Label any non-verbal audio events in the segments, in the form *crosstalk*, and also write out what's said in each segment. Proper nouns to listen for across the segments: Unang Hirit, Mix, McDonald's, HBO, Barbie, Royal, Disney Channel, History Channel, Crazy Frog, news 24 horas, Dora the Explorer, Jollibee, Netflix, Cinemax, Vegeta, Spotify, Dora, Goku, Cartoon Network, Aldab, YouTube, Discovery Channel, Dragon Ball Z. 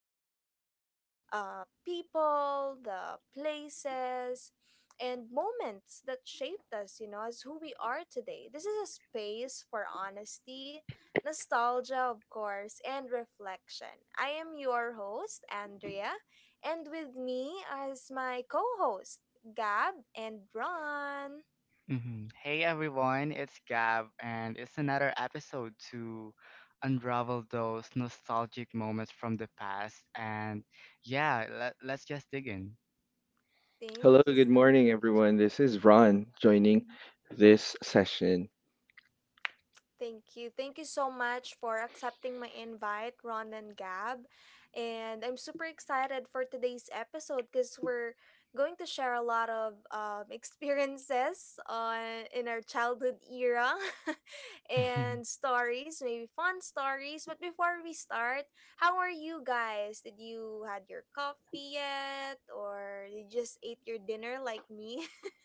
remembering the people, the places, and moments that shaped us, you know, as who we are today. This is a space for honesty, nostalgia, of course, and reflection. I am your host, Andrea, and with me is my co host, Gab and Ron. Hey everyone, it's Gab, and it's another episode to unravel those nostalgic moments from the past. And yeah, let's just dig in. Thank Hello, you good so morning, much. everyone. This is Ron joining Mm-hmm. this session. Thank you. Thank you so much for accepting my invite, Ron and Gab. And I'm super excited for today's episode because we're going to share a lot of *laughs* experiences on in our childhood era *laughs* and *laughs* stories, maybe fun stories. But before we start, how are you guys? Did you had your coffee yet, or did you just ate your dinner like me? *laughs*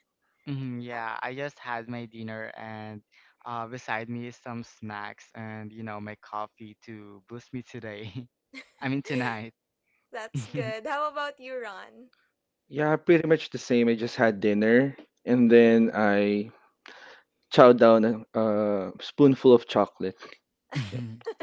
Yeah, I just had my dinner, and beside me is some snacks and, you know, my coffee to boost me today. *laughs* I mean, tonight. *laughs* That's good. How about you, Ron? Yeah, pretty much the same. I just had dinner and then *laughs* I chowed down a spoonful of chocolate. Yep. hmm *laughs*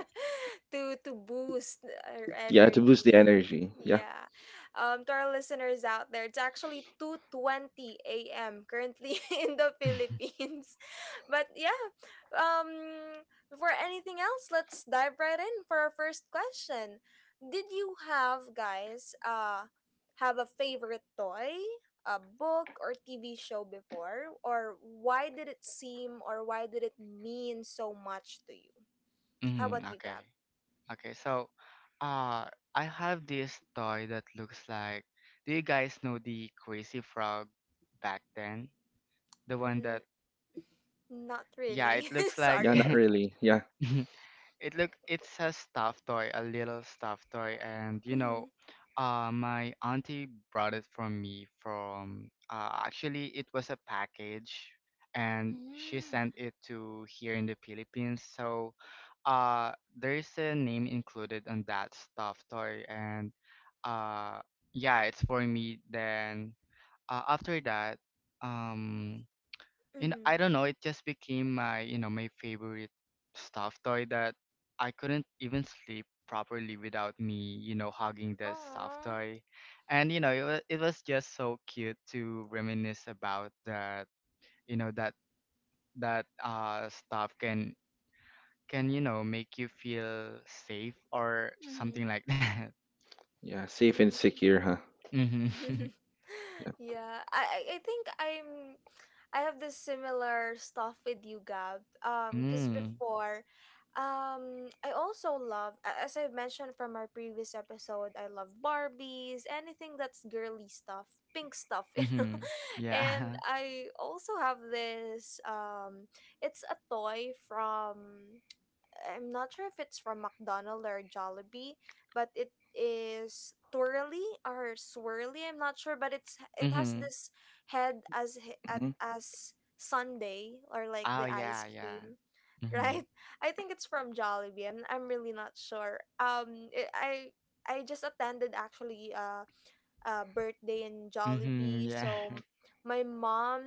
To boost our Yeah, to boost the energy. energy. Yeah, Yeah. Um, to our listeners out there, it's actually 2:20 a.m. currently *laughs* in the Philippines. *laughs* But yeah, um for anything else, let's dive right in for our first question. Did you have guys have a favorite toy, a book or TV show before, or why did it seem or why did it mean so much to you? How about you, Okay. Gab? Okay, so uh I have this toy that looks like, do you guys know the Crazy Frog back then? The one Mm, that, not yeah, really. it *laughs* looks like. yeah, Sorry. not *laughs* *laughs* really. Yeah, It's a stuffed toy, a little stuffed toy, and you Mm-hmm. know, my auntie brought it for me from. Actually, it was a package, and she Mm. sent it to here in the Philippines. So, there's a name included on that stuffed toy, and uh, yeah, it's for me. Then after that, um, and Mm-hmm. I don't know, it just became my, you know, my favorite stuffed toy that I couldn't even sleep properly without me, you know, hugging the stuffed Oh. toy. And you know, it was just so cute to reminisce about that, you know, that stuff can, you know, make you feel safe or Mm-hmm. something like that. *laughs* yeah, safe and secure, huh? Mhm. *laughs* *laughs* Yeah, Yeah, I think I have this similar stuff with you, Gab. Because Mm. before, I also love, as I've mentioned from our previous episode, I love Barbies, anything that's girly stuff, pink stuff, *laughs* you know. Mhm. And Yeah. *laughs* I also have this, it's a toy from, I'm not sure if it's from McDonald's or Jollibee, but it is twirly or swirly. I'm not sure, but it has Mhm. this head as he- at hmm, as Sunday or like Oh the ice yeah, yeah. cream, Mhm. right? *laughs* I think it's from Jollibee. I'm really not sure. I just attended actually a birthday in Mhm. Jollibee, Yeah. so my mom,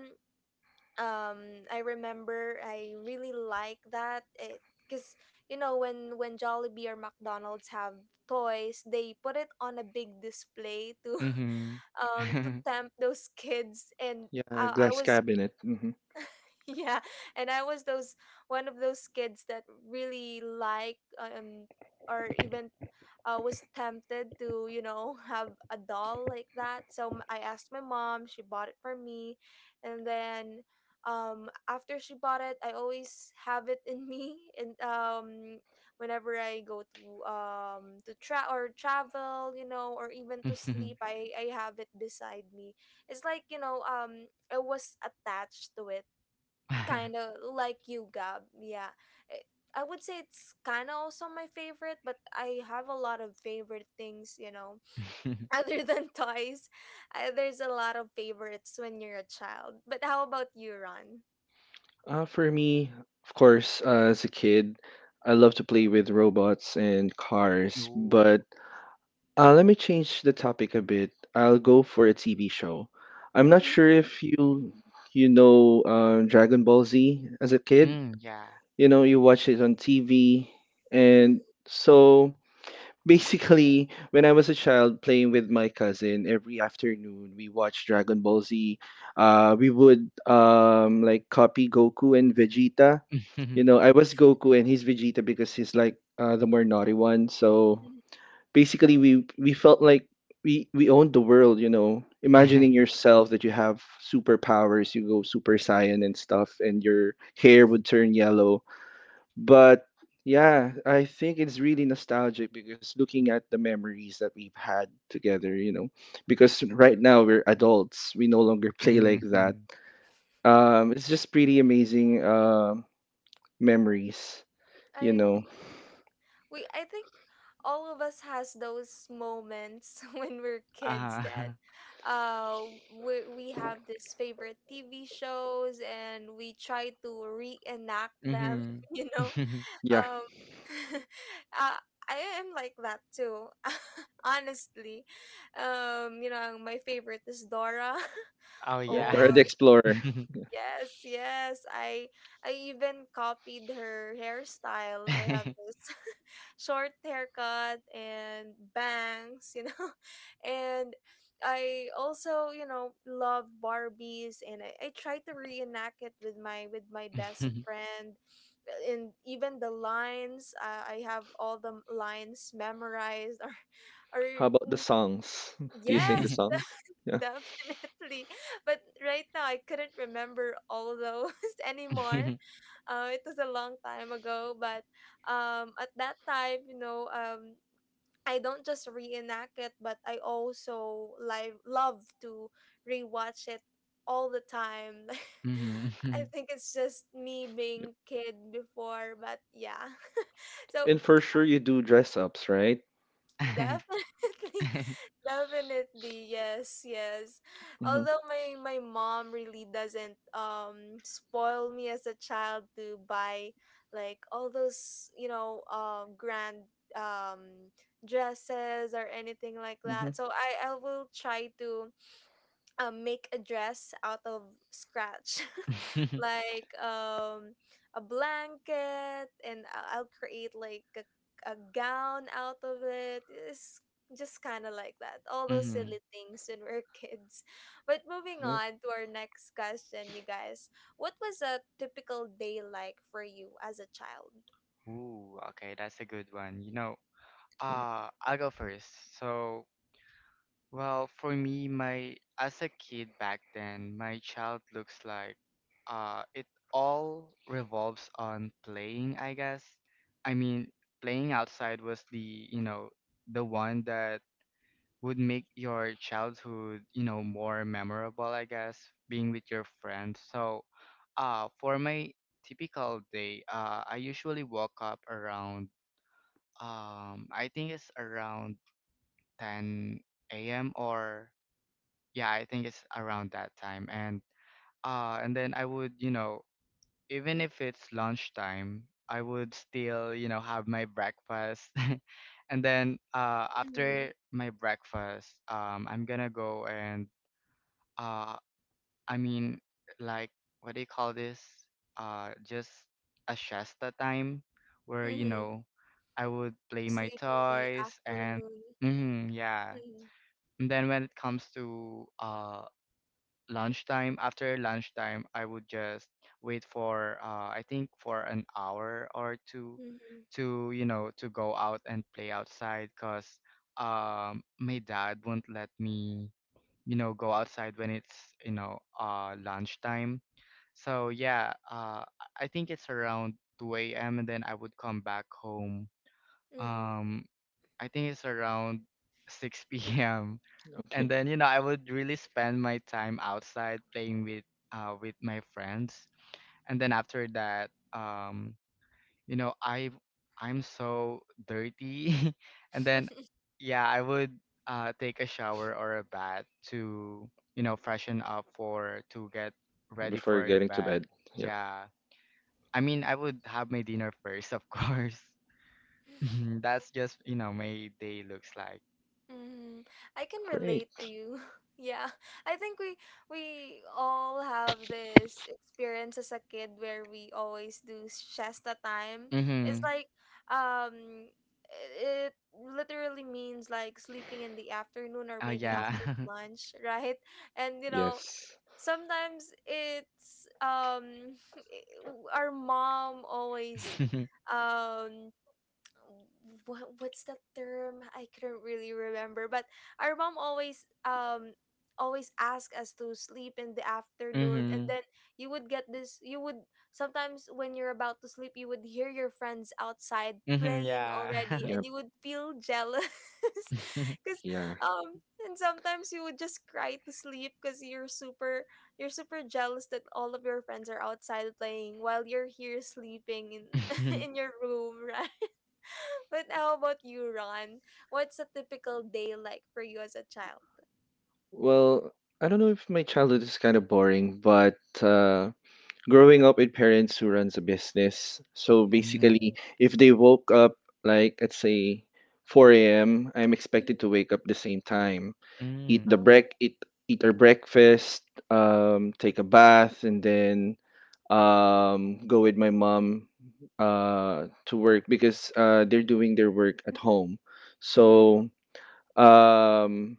um, I remember I really like that it, because you know when Jollibee or McDonald's have toys they put it on a big display to Mhm. *laughs* um, to *laughs* tempt those kids, and yeah, I glass was cabinet. Hmm. *laughs* yeah. And I was those, one of those kids that really like, um, or even, was tempted to, you know, *laughs* have a doll like that, so I asked my mom, she bought it for me. And then, um, after she bought it, I always have it in *laughs* me. And, um, whenever I go to, um, to tra- or travel, you know, or even to sleep, Mhm. I have it beside me. It's like, you know, um, I was attached to it, kind of like you, Gab. Yeah. Eh, I would say it's kind of also my favorite, but I have a lot of favorite things, you know. *laughs* *laughs* Other than toys, there's a lot of favorites when you're a child. But how about you, Ron? For me, of course, as a kid, I love to play with robots and cars, Ooh. but let me change the topic a bit. I'll go for a TV show. I'm not sure Mm-hmm. if you know Dragon Ball Z as a kid. Mm. Yeah. You know, you watch it on TV, Mm-hmm. and so *laughs* basically, when I was a child playing with my cousin, every afternoon we watched Dragon Ball Z. We would like copy Goku and Vegeta. You Mhm. know, I was Goku and he's Vegeta because he's like the more naughty one. So basically, we felt like we owned the world, you know, imagining *laughs* yourself that you have superpowers, you go super saiyan and stuff, and your hair would turn yellow. But yeah, I think it's really nostalgic, because looking at the memories that we've had together, you know, because right now we're adults, we no longer *laughs* play like that. Mhm. Mhm. It's just pretty amazing. Memories, I you ag- know. we I think all of us has those moments *laughs* when we're kids that, Uh-huh. uh, we have these favorite TV shows and we try to reenact them, Mhm. *laughs* you know. *laughs* Yeah. um *laughs* uh, I am like that too, *laughs* honestly. Um, you know, my favorite is Dora, Oh, *laughs* Yeah, yeah. or Dora the Explorer. *laughs* yes, yes. I even copied her hairstyle. I have this *laughs* short haircut and bangs, you know. *laughs* And I also, you know, love Barbies and, I try to reenact it with my, with my best Mhm. friend. And even the lines, I have all the lines memorized, *laughs* or How about the mm, songs? *laughs* Do you sing the yes. *laughs* songs? *laughs* Yeah. *laughs* Definitely. But right now, I couldn't remember all those *laughs* anymore. It was a long time ago. But at that time, you know, I don't just reenact it, but I also live love to rewatch it all the time. Mhm. *laughs* *laughs* I Mhm. think it's just me Yep. being kid before, but yeah. *laughs* So And for sure you do dress ups, right? definitely. *laughs* Definitely, yes, yes. Mm-hmm. Although my mom really doesn't, um, spoil me as a child to buy like all those, you know, um, grand, um, dresses or anything like Mm-hmm. that. So I will try to, make a dress out of scratch, *laughs* *laughs* like, um, a blanket, and I'll create like a gown out of it. It's just kind of like that, all those Mhm. silly things when we're *laughs* kids. But moving Yep. on to our next question, you guys, what was a typical day like for you as a child? Ooh, okay, that's a good one. You know, Yeah. I'll go first. So, well, for me, my as a kid back then, my child looks like it all revolves on playing, I guess. I mean, playing outside was the, you know, the one that would make your childhood, you know, more memorable, I guess, being with your friends. So, for my typical day, I usually woke up around, I think it's around 10 a.m., or yeah, I think it's around that time. And and then I would, you know, even if it's lunchtime, I would still, you know, have my breakfast. *laughs* And then Mm-hmm. after my breakfast, I'm gonna go and uh I mean, like, what do you call this? Just a shasta time where, you Mm-hmm. know, I would You play my sleep in the toys. And afternoon. mhm, yeah, Mm-hmm. and then when it comes to lunchtime, after lunchtime I would just wait for, I think for an hour or two, Mm-hmm. to, you know, to go out and play outside, because my dad won't let me, you know, go outside when it's, you know, lunchtime. So yeah, I think it's around 2 a.m., and then I would come back home. Mm-hmm. um I think it's around 6 p.m., Okay. and then, you know, I would really spend my time outside playing with my friends. And then after that, you know, I'm so dirty. *laughs* And then *laughs* yeah, I would take a shower or a bath to, you know, freshen up for to get ready Before for a getting to bed. bed. Yeah. Yeah, I mean, I would have my dinner first of course. *laughs* Mhm, that's just, you know, my day looks like. Mm, I can relate Great. to you. *laughs* Yeah. I think we all have this experience as a kid where we always do siesta time. It's Mhm. like, um, it literally means like sleeping in the afternoon or Oh maybe yeah. Hmm. after lunch, *laughs* right? And you know, Yes. sometimes it's, um, *laughs* our mom always, *laughs* um, what's that term? I couldn't really remember. But our mom always, always ask us to sleep in the afternoon, and Mhm. then you would get this, you would sometimes when you're about to sleep you would hear your friends outside Mhm, playing yeah. already, and Yep. you would feel jealous *laughs* *laughs* because, Yeah. um, and sometimes you would just cry to sleep because you're super jealous that all of your friends are outside playing while you're here sleeping in *laughs* in your room, right? But how about you, Ron? What's a typical day like for you as a child? Well, I don't know if my childhood is kind of boring, but uh, growing up with parents who runs a business. So Mhm, Mhm, basically, hmm. if they woke up, like, let's say 4 a.m., I'm expected mhm. to wake up the same time, eat the Oh. break, eat eat our breakfast, take a bath, and then go with my mom to work, because they're doing their work at home. Mm-hmm. So um,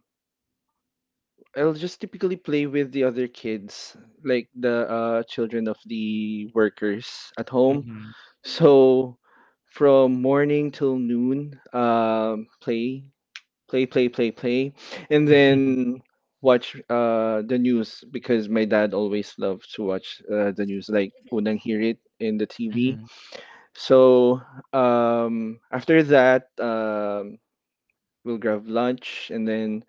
I'll just typically play with the other kids, like the children of the workers at Hmm. home. Mhm. Mm-hmm. So from morning till noon, play, play, play, play, play, and *laughs* then watch the news, because my dad always loved to watch the news, like unang hear it in the TV. Mhm, So after that, we'll grab lunch, and then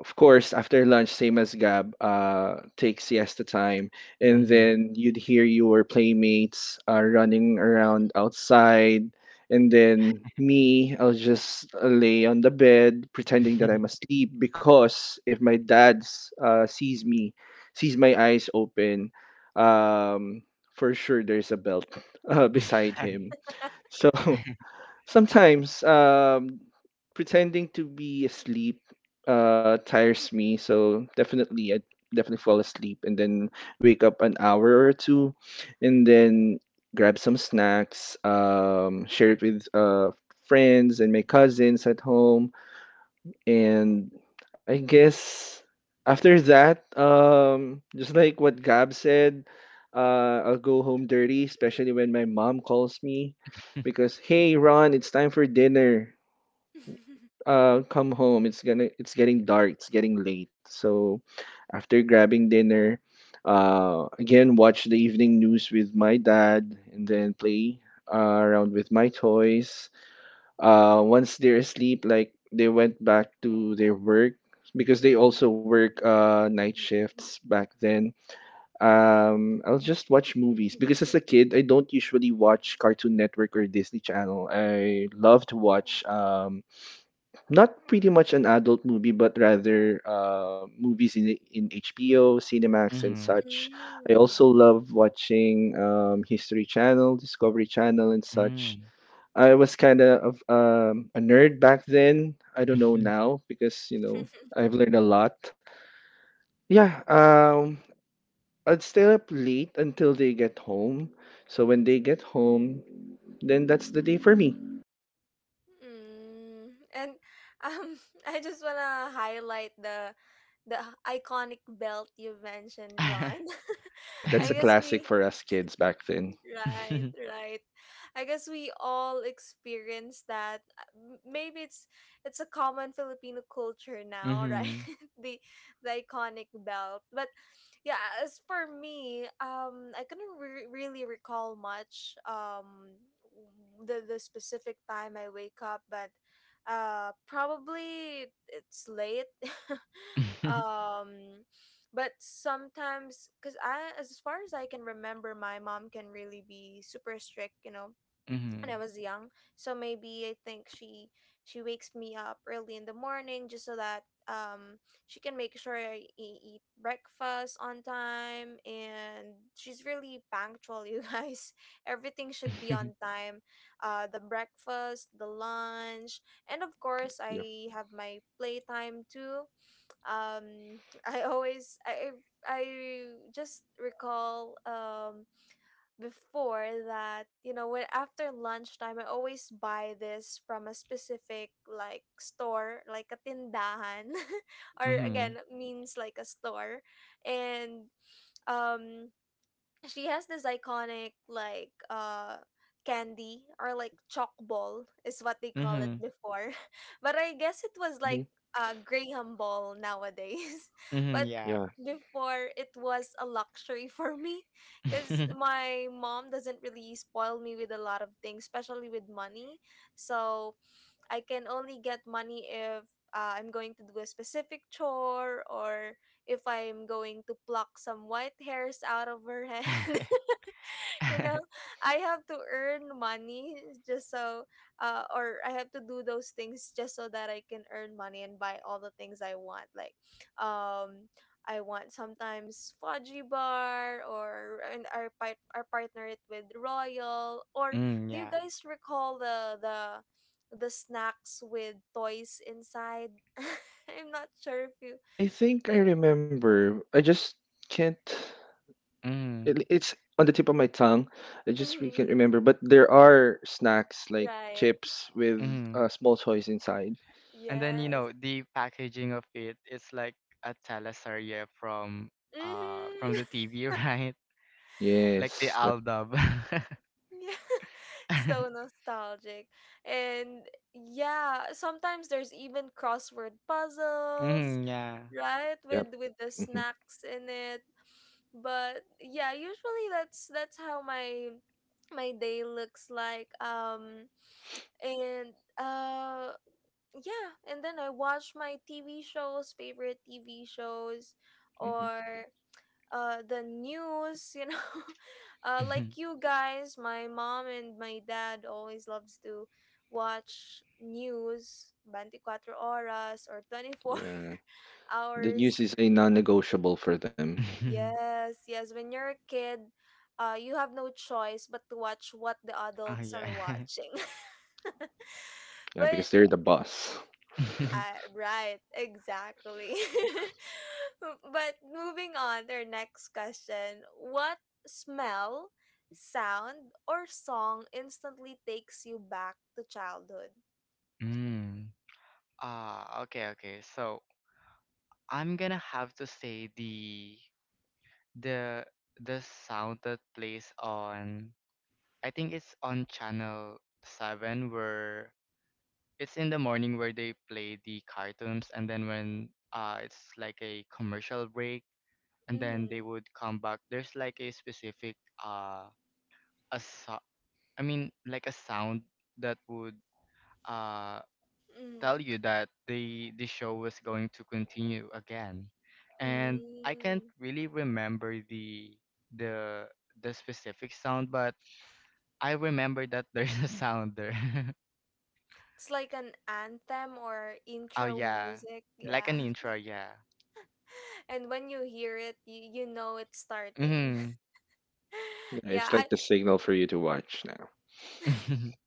of course, after lunch, same as Gab, take siesta time, and mhm. then you'd hear your playmates running around outside, and then me, I'll just lay on the bed pretending that I'm asleep, because if my dad sees me, sees my eyes open, um, for sure there's a belt *laughs* beside *laughs* him. So sometimes, pretending to be asleep tires me, so definitely, I definitely fall asleep, and then wake up an hour or two, and then grab some snacks, share it with friends and my cousins at home. And I guess after that, just like what Gab said, I'll go home dirty, especially when my mom calls me, because, hey, Ron, it's time for dinner. Come home. It's getting dark. It's getting late. So after grabbing dinner, again, watch the evening news with my dad, and then play around with my toys once they're asleep, like they went back to their work, because they *laughs* also work night shifts back then. I'll just watch movies, because as a kid I don't usually watch Cartoon Network or Disney Channel. I love to watch not pretty much an adult movie, but rather movies in HBO, Cinemax and Mhm, such. I Mm-mm. also love watching History Channel, Discovery Channel and such. hmm. I was kind of a nerd back then. I don't know *laughs* now because, you know, I've learned a lot. Yeah, I'd stay up late until they get home. So when they get home, then that's the day for me. Mm. And, um, *laughs* I just wanna highlight the iconic belt you mentioned, Ron. Yeah, *laughs* that's I a guess classic we for us kids back then. Right, right. I guess we all experience that. Maybe it's a common Filipino culture now, *laughs* right? Mhm. the the iconic belt. But yeah, as for me, um, I couldn't really recall much, um, the specific time I wake up, but uh, probably it's late. *laughs* *laughs* Um, but sometimes, because I, as far as I can remember, my mom can really be super strict, you know, when I Mhm. was young. So maybe I think she wakes me up early in the morning just so that, um, she can make sure I eat breakfast on time, and she's really punctual, you guys. *laughs* Everything should be *laughs* on time. Uh, the breakfast, the lunch, and of course Yeah. I have my playtime too. Um, I I just recall, um, before that, you know, when after lunchtime I always buy this from a specific like store, like a tindahan, *laughs* or mhm, again means like a store. And um, she has this iconic like, uh, candy or like chalk ball is what they call it mhm. before, *laughs* but I guess it was like Hmm. a graham ball nowadays. *laughs* Mhm, But Yeah. yeah. before it was a luxury for me, because my mom doesn't really spoil me with a lot of things, especially with money. So I can only get money if, I'm going to do a specific chore, or if I'm going to pluck some white hairs out of her head. *laughs* *laughs* You know, *laughs* I have to earn money just so, uh, or I have to do those things just so that I can earn money and buy all the things I want, like, um, I want sometimes fudgy bar, or and our partner it with royal, or Mm, do you yeah. guys recall the the snacks with toys inside? *laughs* I'm not sure if you, I think I eh, remember. I just can't. Mm, It's on the tip of my tongue. I just really can't mhm, remember. But there are snacks like right, chips with mhm. Small toys inside. And then, you yes, know, the packaging of it is like a teleserye from mhm. the TV, *laughs* right? Like the Yes. Yep. Aldab. Yeah, *laughs* so *laughs* nostalgic. And yeah, sometimes there's even crossword puzzles, Mm, yeah. right? Yep. With the Hmm. snacks in it. But yeah, usually that's how my, my day looks like. Um, and uh, yeah, and then I watch my TV shows, favorite TV shows, Hmm. or, the news, you know. *laughs* Uh, like you guys, my mom and my dad always loves to watch news 24 horas, or 24 Yeah. *laughs* The news hours. is a non-negotiable for them. *laughs* Yes, yes. When you're a kid, you have no choice but to watch what the Oh, adults yeah. are watching. *laughs* Yeah, because But they're the boss. uh, *laughs* right, exactly. *laughs* But moving on to our next question, what smell, sound, or song instantly takes you back to childhood? Mm. Ah, okay, okay. So I'm gonna have to say the the sound that plays on, I think it's on channel seven, where it's in the morning where they play the cartoons and then when it's like a commercial break and then Mm-hmm. they would come back. There's like a specific uh a I mean, like a sound that would, uh, Mm-hmm. tell you that the show was going to continue again, and I can't Mm. really remember the the specific sound, but I remember that *laughs* there's a sound there. *laughs* It's like an anthem or Oh intro yeah, music, like an yeah. intro, yeah. *laughs* And when you hear it, you know it's starting. Mhm. Yeah, *laughs* Yeah, it's like the signal for you to watch now. *laughs*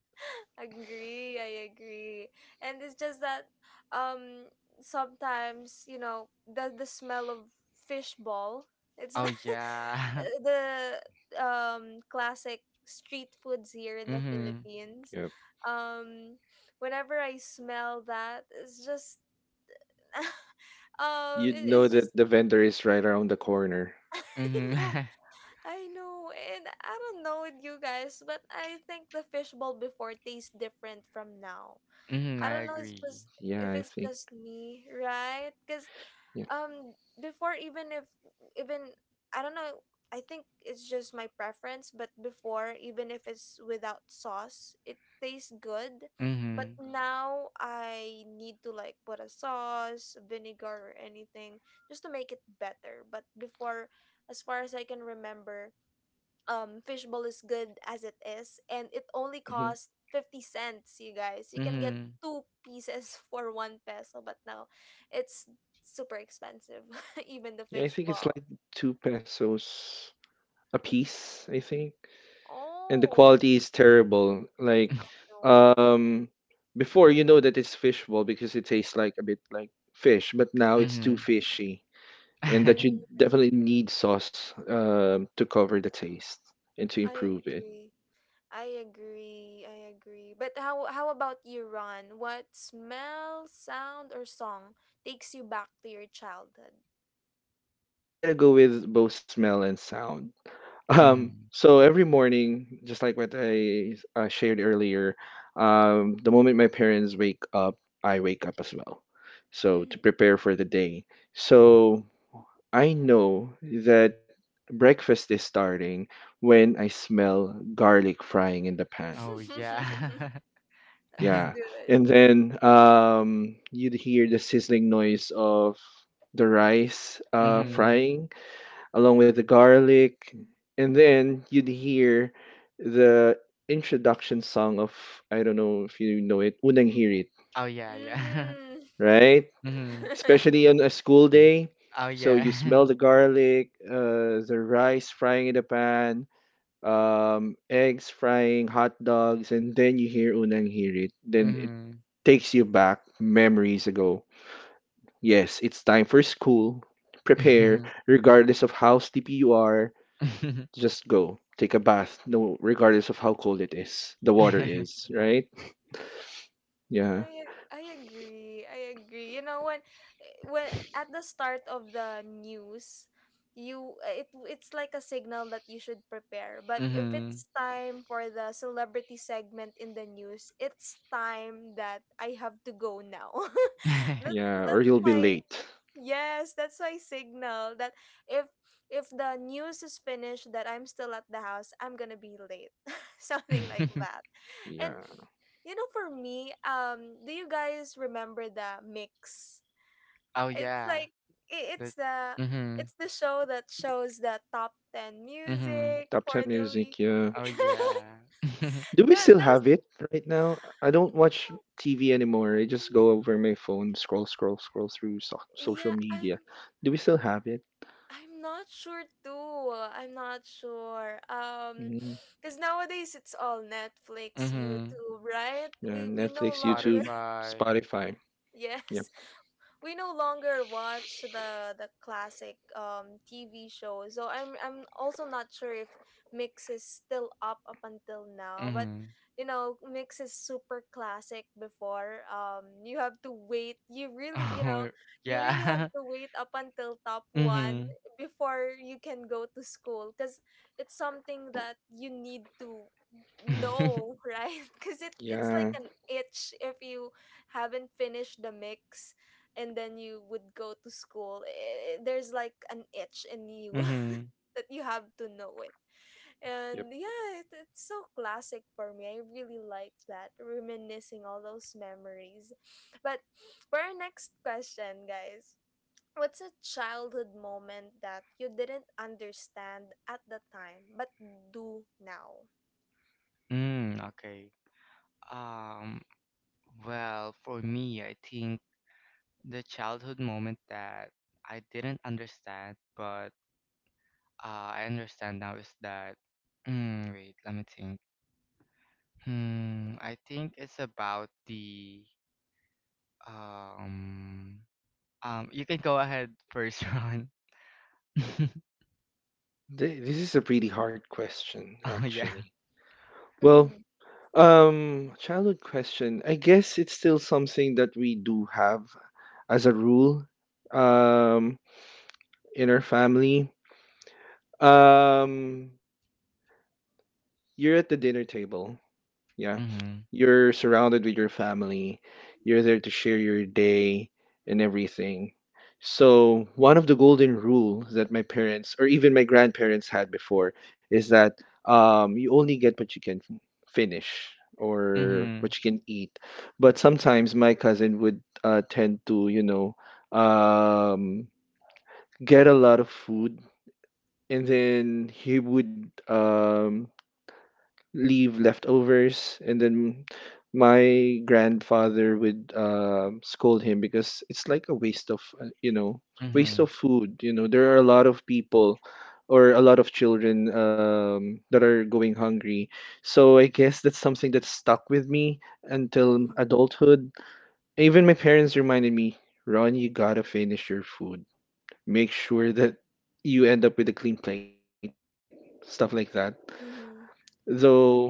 agree, I agree. And it's just that, um, sometimes you know the smell of fish ball, it's Oh yeah. *laughs* the, um, classic street foods here *laughs* in the Mhm. Philippines. Yep. Um, whenever I smell that, it's just *laughs* um, You'd it, know it's just that the vendor is right around the corner. *laughs* I Mhm. know, *laughs* I know. And I don't know with you guys, but I think the fish ball before tastes different from now. Mhm. I I don't know. It's agree. just Yeah, If I it's think. just me, right? Because, Yeah. um, before even if even I don't know. I think it's just my preference. But before, even if it's without sauce, it tastes good. But Mhm. now I need to like put a sauce, vinegar, or anything just to make it better. But before, as far as I can remember, fishbowl is good as it is, and it only Mm-hmm. cost 50 cents. You guys, you can get Mhm. two pieces *laughs* for one peso, but now it's super expensive, *laughs* even the Yeah, I think it's fishbowl. like 2 pesos a piece, I think. And the Oh, quality is terrible. Like, *laughs* no. um, before, you know that it's fishball because it tastes like a bit like fish, but now it's too Mhm. Mhm. fishy, and that Mm, you *laughs* definitely need sauce, to cover the taste and to I improve it. agree. I agree. I agree. But how about you, Ron? What smell, sound, or song takes you back to your childhood? I'm gonna go with both smell and sound. Mhm. So every morning, just like what I shared earlier, the moment my parents wake up, I wake up as well. So to Mm-hmm. prepare for the day. So I know that breakfast is starting when I smell garlic frying in the pan. Oh yeah. *laughs* *laughs* That's *laughs* Yeah. good. And then you'd hear the sizzling noise of the rice Mm-hmm. Mhm. frying along with the garlic. And then you'd hear the introduction song of, I don't know if you know it, Unang Hirit, Oh yeah, yeah. Mm. right? *laughs* Mhm. *laughs* Especially on a school day. Oh So you yeah. smell the garlic, the rice frying in the pan, eggs frying, hot dogs, and then you hear Unang Hirit. *laughs* Then it Mhm. takes you back memories ago. Yes, it's time for school. Prepare, Mhm. regardless of how sleepy you are. *laughs* Just go. Take a bath, no, regardless of how cold it is, the water is, right? Yeah, I agree. I agree. You know when at the start of the news, you it's like a signal that you should prepare. But if Mhm. it's time for the celebrity segment in the news, it's time that I have to go now. *laughs* that's yeah, or that's you'll be my... late. Yes, that's my signal that if if the news is finished that I'm still at the house, I'm gonna be late. *laughs* Something like *laughs* that. And, Yeah. For me, do you guys remember the Mix? Oh It's yeah. like, i- The it's the mhm. it's the show that shows the top 10 Mhm. music Top 10 for the music, week. yeah. Oh *laughs* yeah. *laughs* Do we still Those. have it right now? I don't watch TV anymore. I just go over my phone, scroll, scroll, scroll through so social Yeah, I media. Do we still have it? I'm not sure too. I'm not sure. Mm, Because nowadays it's all Netflix, Mhm. YouTube, right? yeah, We no Netflix, longer, YouTube, Spotify. Spotify. *laughs* Yep. yes, we no longer watch the classic TV shows. So I'm also not sure if Mix is still up until now, but, Mhm. Mix is super classic before. You have to wait. You *laughs* really, Oh you really have yeah. to wait up until top *laughs* 1 Mhm. before you can go to school, cuz it's something that you need to know, *laughs* right? *laughs* Cuz it's Yeah. like an itch if you haven't finished the Mix, and then you would go to school. There's like an itch in you *laughs* Mhm. that you have to know it. Yep. And yeah, it's so classic for me. I really like that, reminiscing all those memories. But for our next question, guys, what's a childhood moment that you didn't understand at the time but do now? Mm, okay. Um well, for me, I think the childhood moment that I didn't understand, but I understand now is that. Mm, wait, let me think. Hmm, I think it's about the um. You can go ahead first, *laughs* Ron. *laughs* This is a pretty hard question, Oh yeah. actually. Well, Mm-hmm. Childhood question. I guess it's still something that we do have as a rule, um, in our family. Um, you're at the dinner table. Yeah. Mhm. You're surrounded with your family. You're there to share your day and everything. So, one of the golden rules that my parents or even my grandparents had before is that you only get what you can finish or Mhm. what you can eat. But sometimes my cousin would tend to, you know, um, get a lot of food, and then he would leave leftovers, and then my grandfather would scold him, because it's like a waste of waste Mhm. of food. You know, there are a lot of people or a lot of children, that are going hungry. So I guess that's something that stuck with me until adulthood. Even my parents reminded me, Ron, you gotta finish your food. Make sure that you end up with a clean plate, stuff like that. Mm-hmm. Though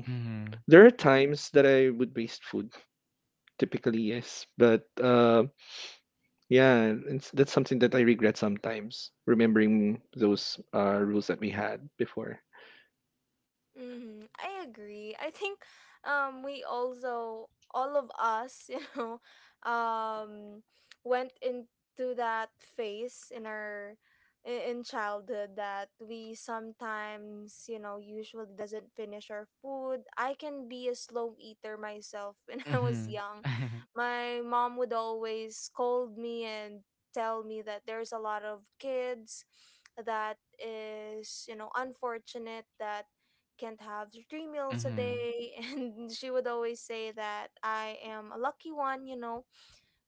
there are Mhm. times that I would waste food. Typically, yes. But yeah, that's something that I regret sometimes, remembering those rules that we had before. I agree. I think we also, all of us, *laughs* um went into that phase in our in childhood that we sometimes, usually doesn't finish our food. I can be a slow eater myself *laughs* when I was Mhm. young. *laughs* My mom would always scold me and tell me that there's a lot of kids that is, unfortunate that can't have three meals a Mhm. day, *laughs* and she would always say that I am a lucky one,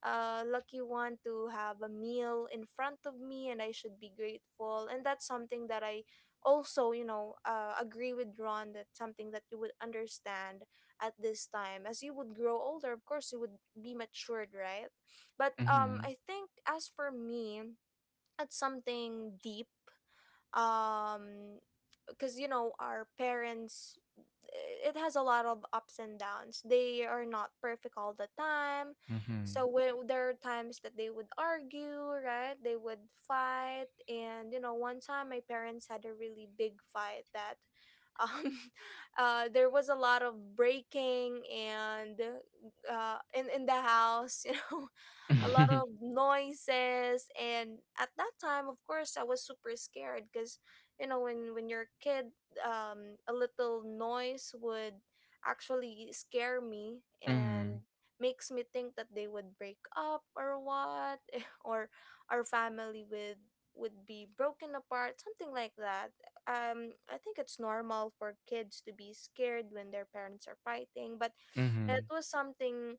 a lucky one to have a meal in front of me, and I should be grateful. And that's something that I also, agree with Ron, that something that you would understand at this time. As you would grow older, of course you would be matured, right? But Mhm. I think, as for me, that's something deep, um because, our parents, it has a lot of ups and downs. They are not perfect all the time, Mhm. so when there are times that they would argue, right, they would fight. And, one time my parents had a really big fight that, um *laughs* there was a lot of breaking and in the house, *laughs* a lot of *laughs* noises. And at that time, of course I was super scared, because, when you're a kid, a little noise would actually scare me, Mhm. and makes me think that they would break up or what, *laughs* or our family would be broken apart, something like that. I think it's normal for kids to be scared when their parents are fighting, but it Mhm. was something,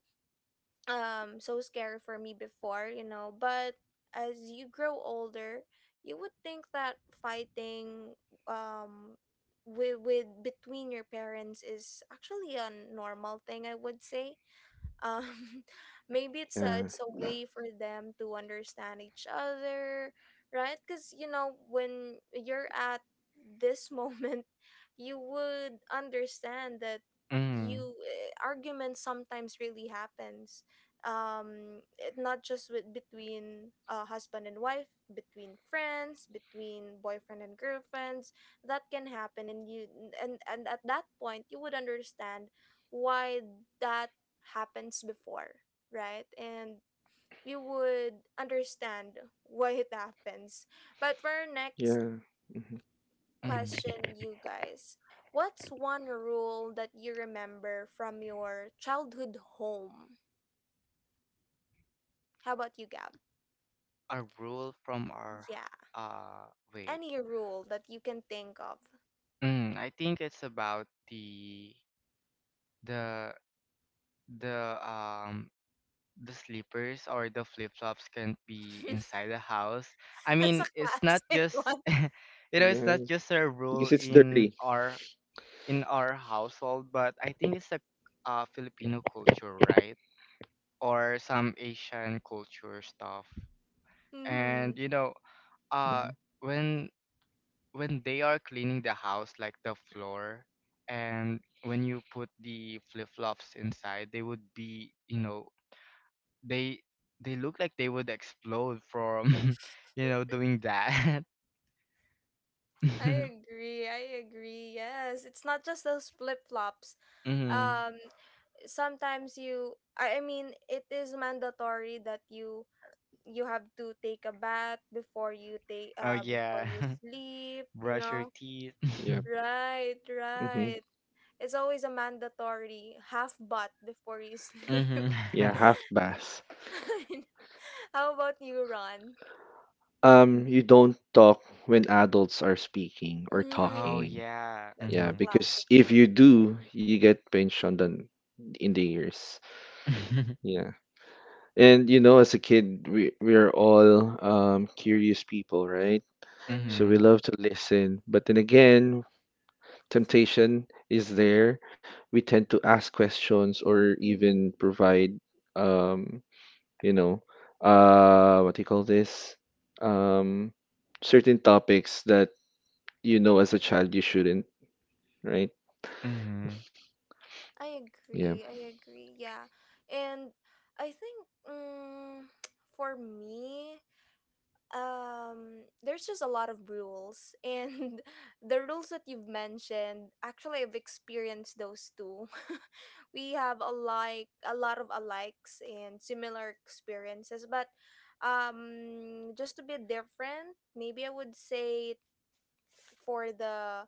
so scary for me before, but as you grow older, you would think that fighting, um with between your parents is actually a normal thing, I would say. um *laughs* Maybe it's a, Yeah. it's a way for them to understand each other, right? Because, when you're at this *laughs* moment, you would understand that, Mhm. Arguments sometimes really happens. Not just with between husband and wife, between friends, between boyfriend and girlfriends, that can happen. And, you and at that point, you would understand why that happens before, right? And you would understand why it happens. But for our next Yeah. Hmm. Mhm. *laughs* question, you guys, what's one rule that you remember from your childhood home? How about you, Gab? A rule from our, Yeah, wait. any rule that you can think of. Mm, I think it's about the the the slippers or the flip-flops can't be *laughs* inside the house. I That's a mean, it's not classic *laughs* just one. *laughs* you know, it's Yeah. not just a rule Because it's in dirty. our, in our household, but I think it's a Filipino culture, right? Or some Asian culture stuff. hmm And you know, uh Hmm. when when they are cleaning the house, like the floor, and when you put the flip flops inside, they would be, you know, they they look like they would explode from, *laughs* you know, doing that. *laughs* I Mm-hmm. agree. I agree. Yes, it's not just those flip flops. Um, Sometimes, you I mean, it is mandatory that you have to take a bath before you take Oh before yeah, you sleep, *laughs* you brush your know? teeth. Yep. Right, Hmm. right. It's always a mandatory half bath before you *laughs* sleep. Mm-hmm. Yeah, *laughs* half bath. *laughs* How about you, Ron? You don't talk when adults are speaking or Oh Mm, talking. yeah. that's the Yeah, Mm-hmm. because classic if you one. do, you get pinched on the in the ears. *laughs* Yeah. And you know, as a kid, we're all curious people, right? So Mm-hmm. Mm-hmm. we love to listen, but then again, temptation is there. We tend to ask questions or Mm-hmm. even provide, um, you know, what do you call this? Um, Certain topics that, you know, as a child you shouldn't, right? I Yeah, agree. I agree. Yeah. And I think, mm, *tsk* for me, there's just a lot of rules, and *laughs* the rules that you've mentioned, actually, I've experienced those too. *laughs* We have a, like, a lot of alikes and similar experiences, but just to be different, maybe, I would say, for the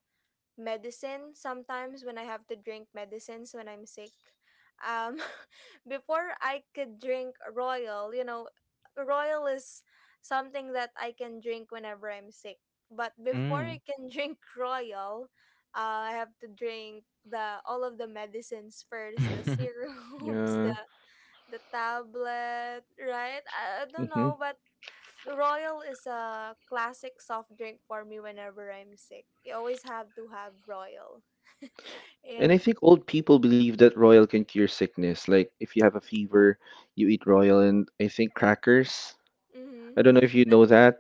medicine, sometimes when I have to drink medicines when I'm sick. Um, *laughs* before I could drink Royal, you know, Royal is something that I can drink whenever I'm sick. But before Mm-hmm. I can *laughs* drink Royal, I have to drink the all of the medicines first, the *laughs* Mm-hmm. syrups, yeah. the tablet, right? I don't Mm-hmm. know, but Royal is a classic soft drink for me whenever I'm sick. You always have to have Royal. *laughs* And I And, think old people believe that royal can cure sickness. Like if you have a fever, you eat royal and I think crackers. mhm, I don't know if you know that.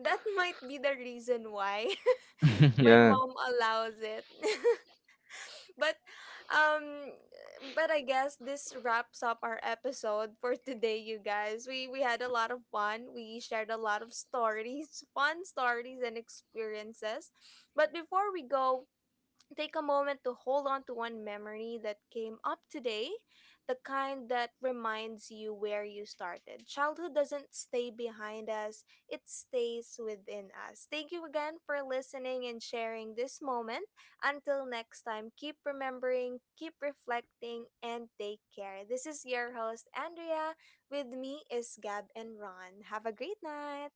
that might be the reason why *laughs* my *laughs* Yeah. mom allows it. *laughs* *laughs* but um but I guess this wraps up our episode for today, you guys. We had a lot of fun. We shared a lot of stories, *laughs* fun stories and experiences. But before we go, take a moment to hold on to one memory that came up today, the kind that reminds you where you started. Childhood doesn't stay behind us, it stays within us. Thank you again for listening and sharing this moment. Until next time, keep remembering, keep reflecting, and take care. This is your host, Andrea. With me is Gab and Ron. Have a great night.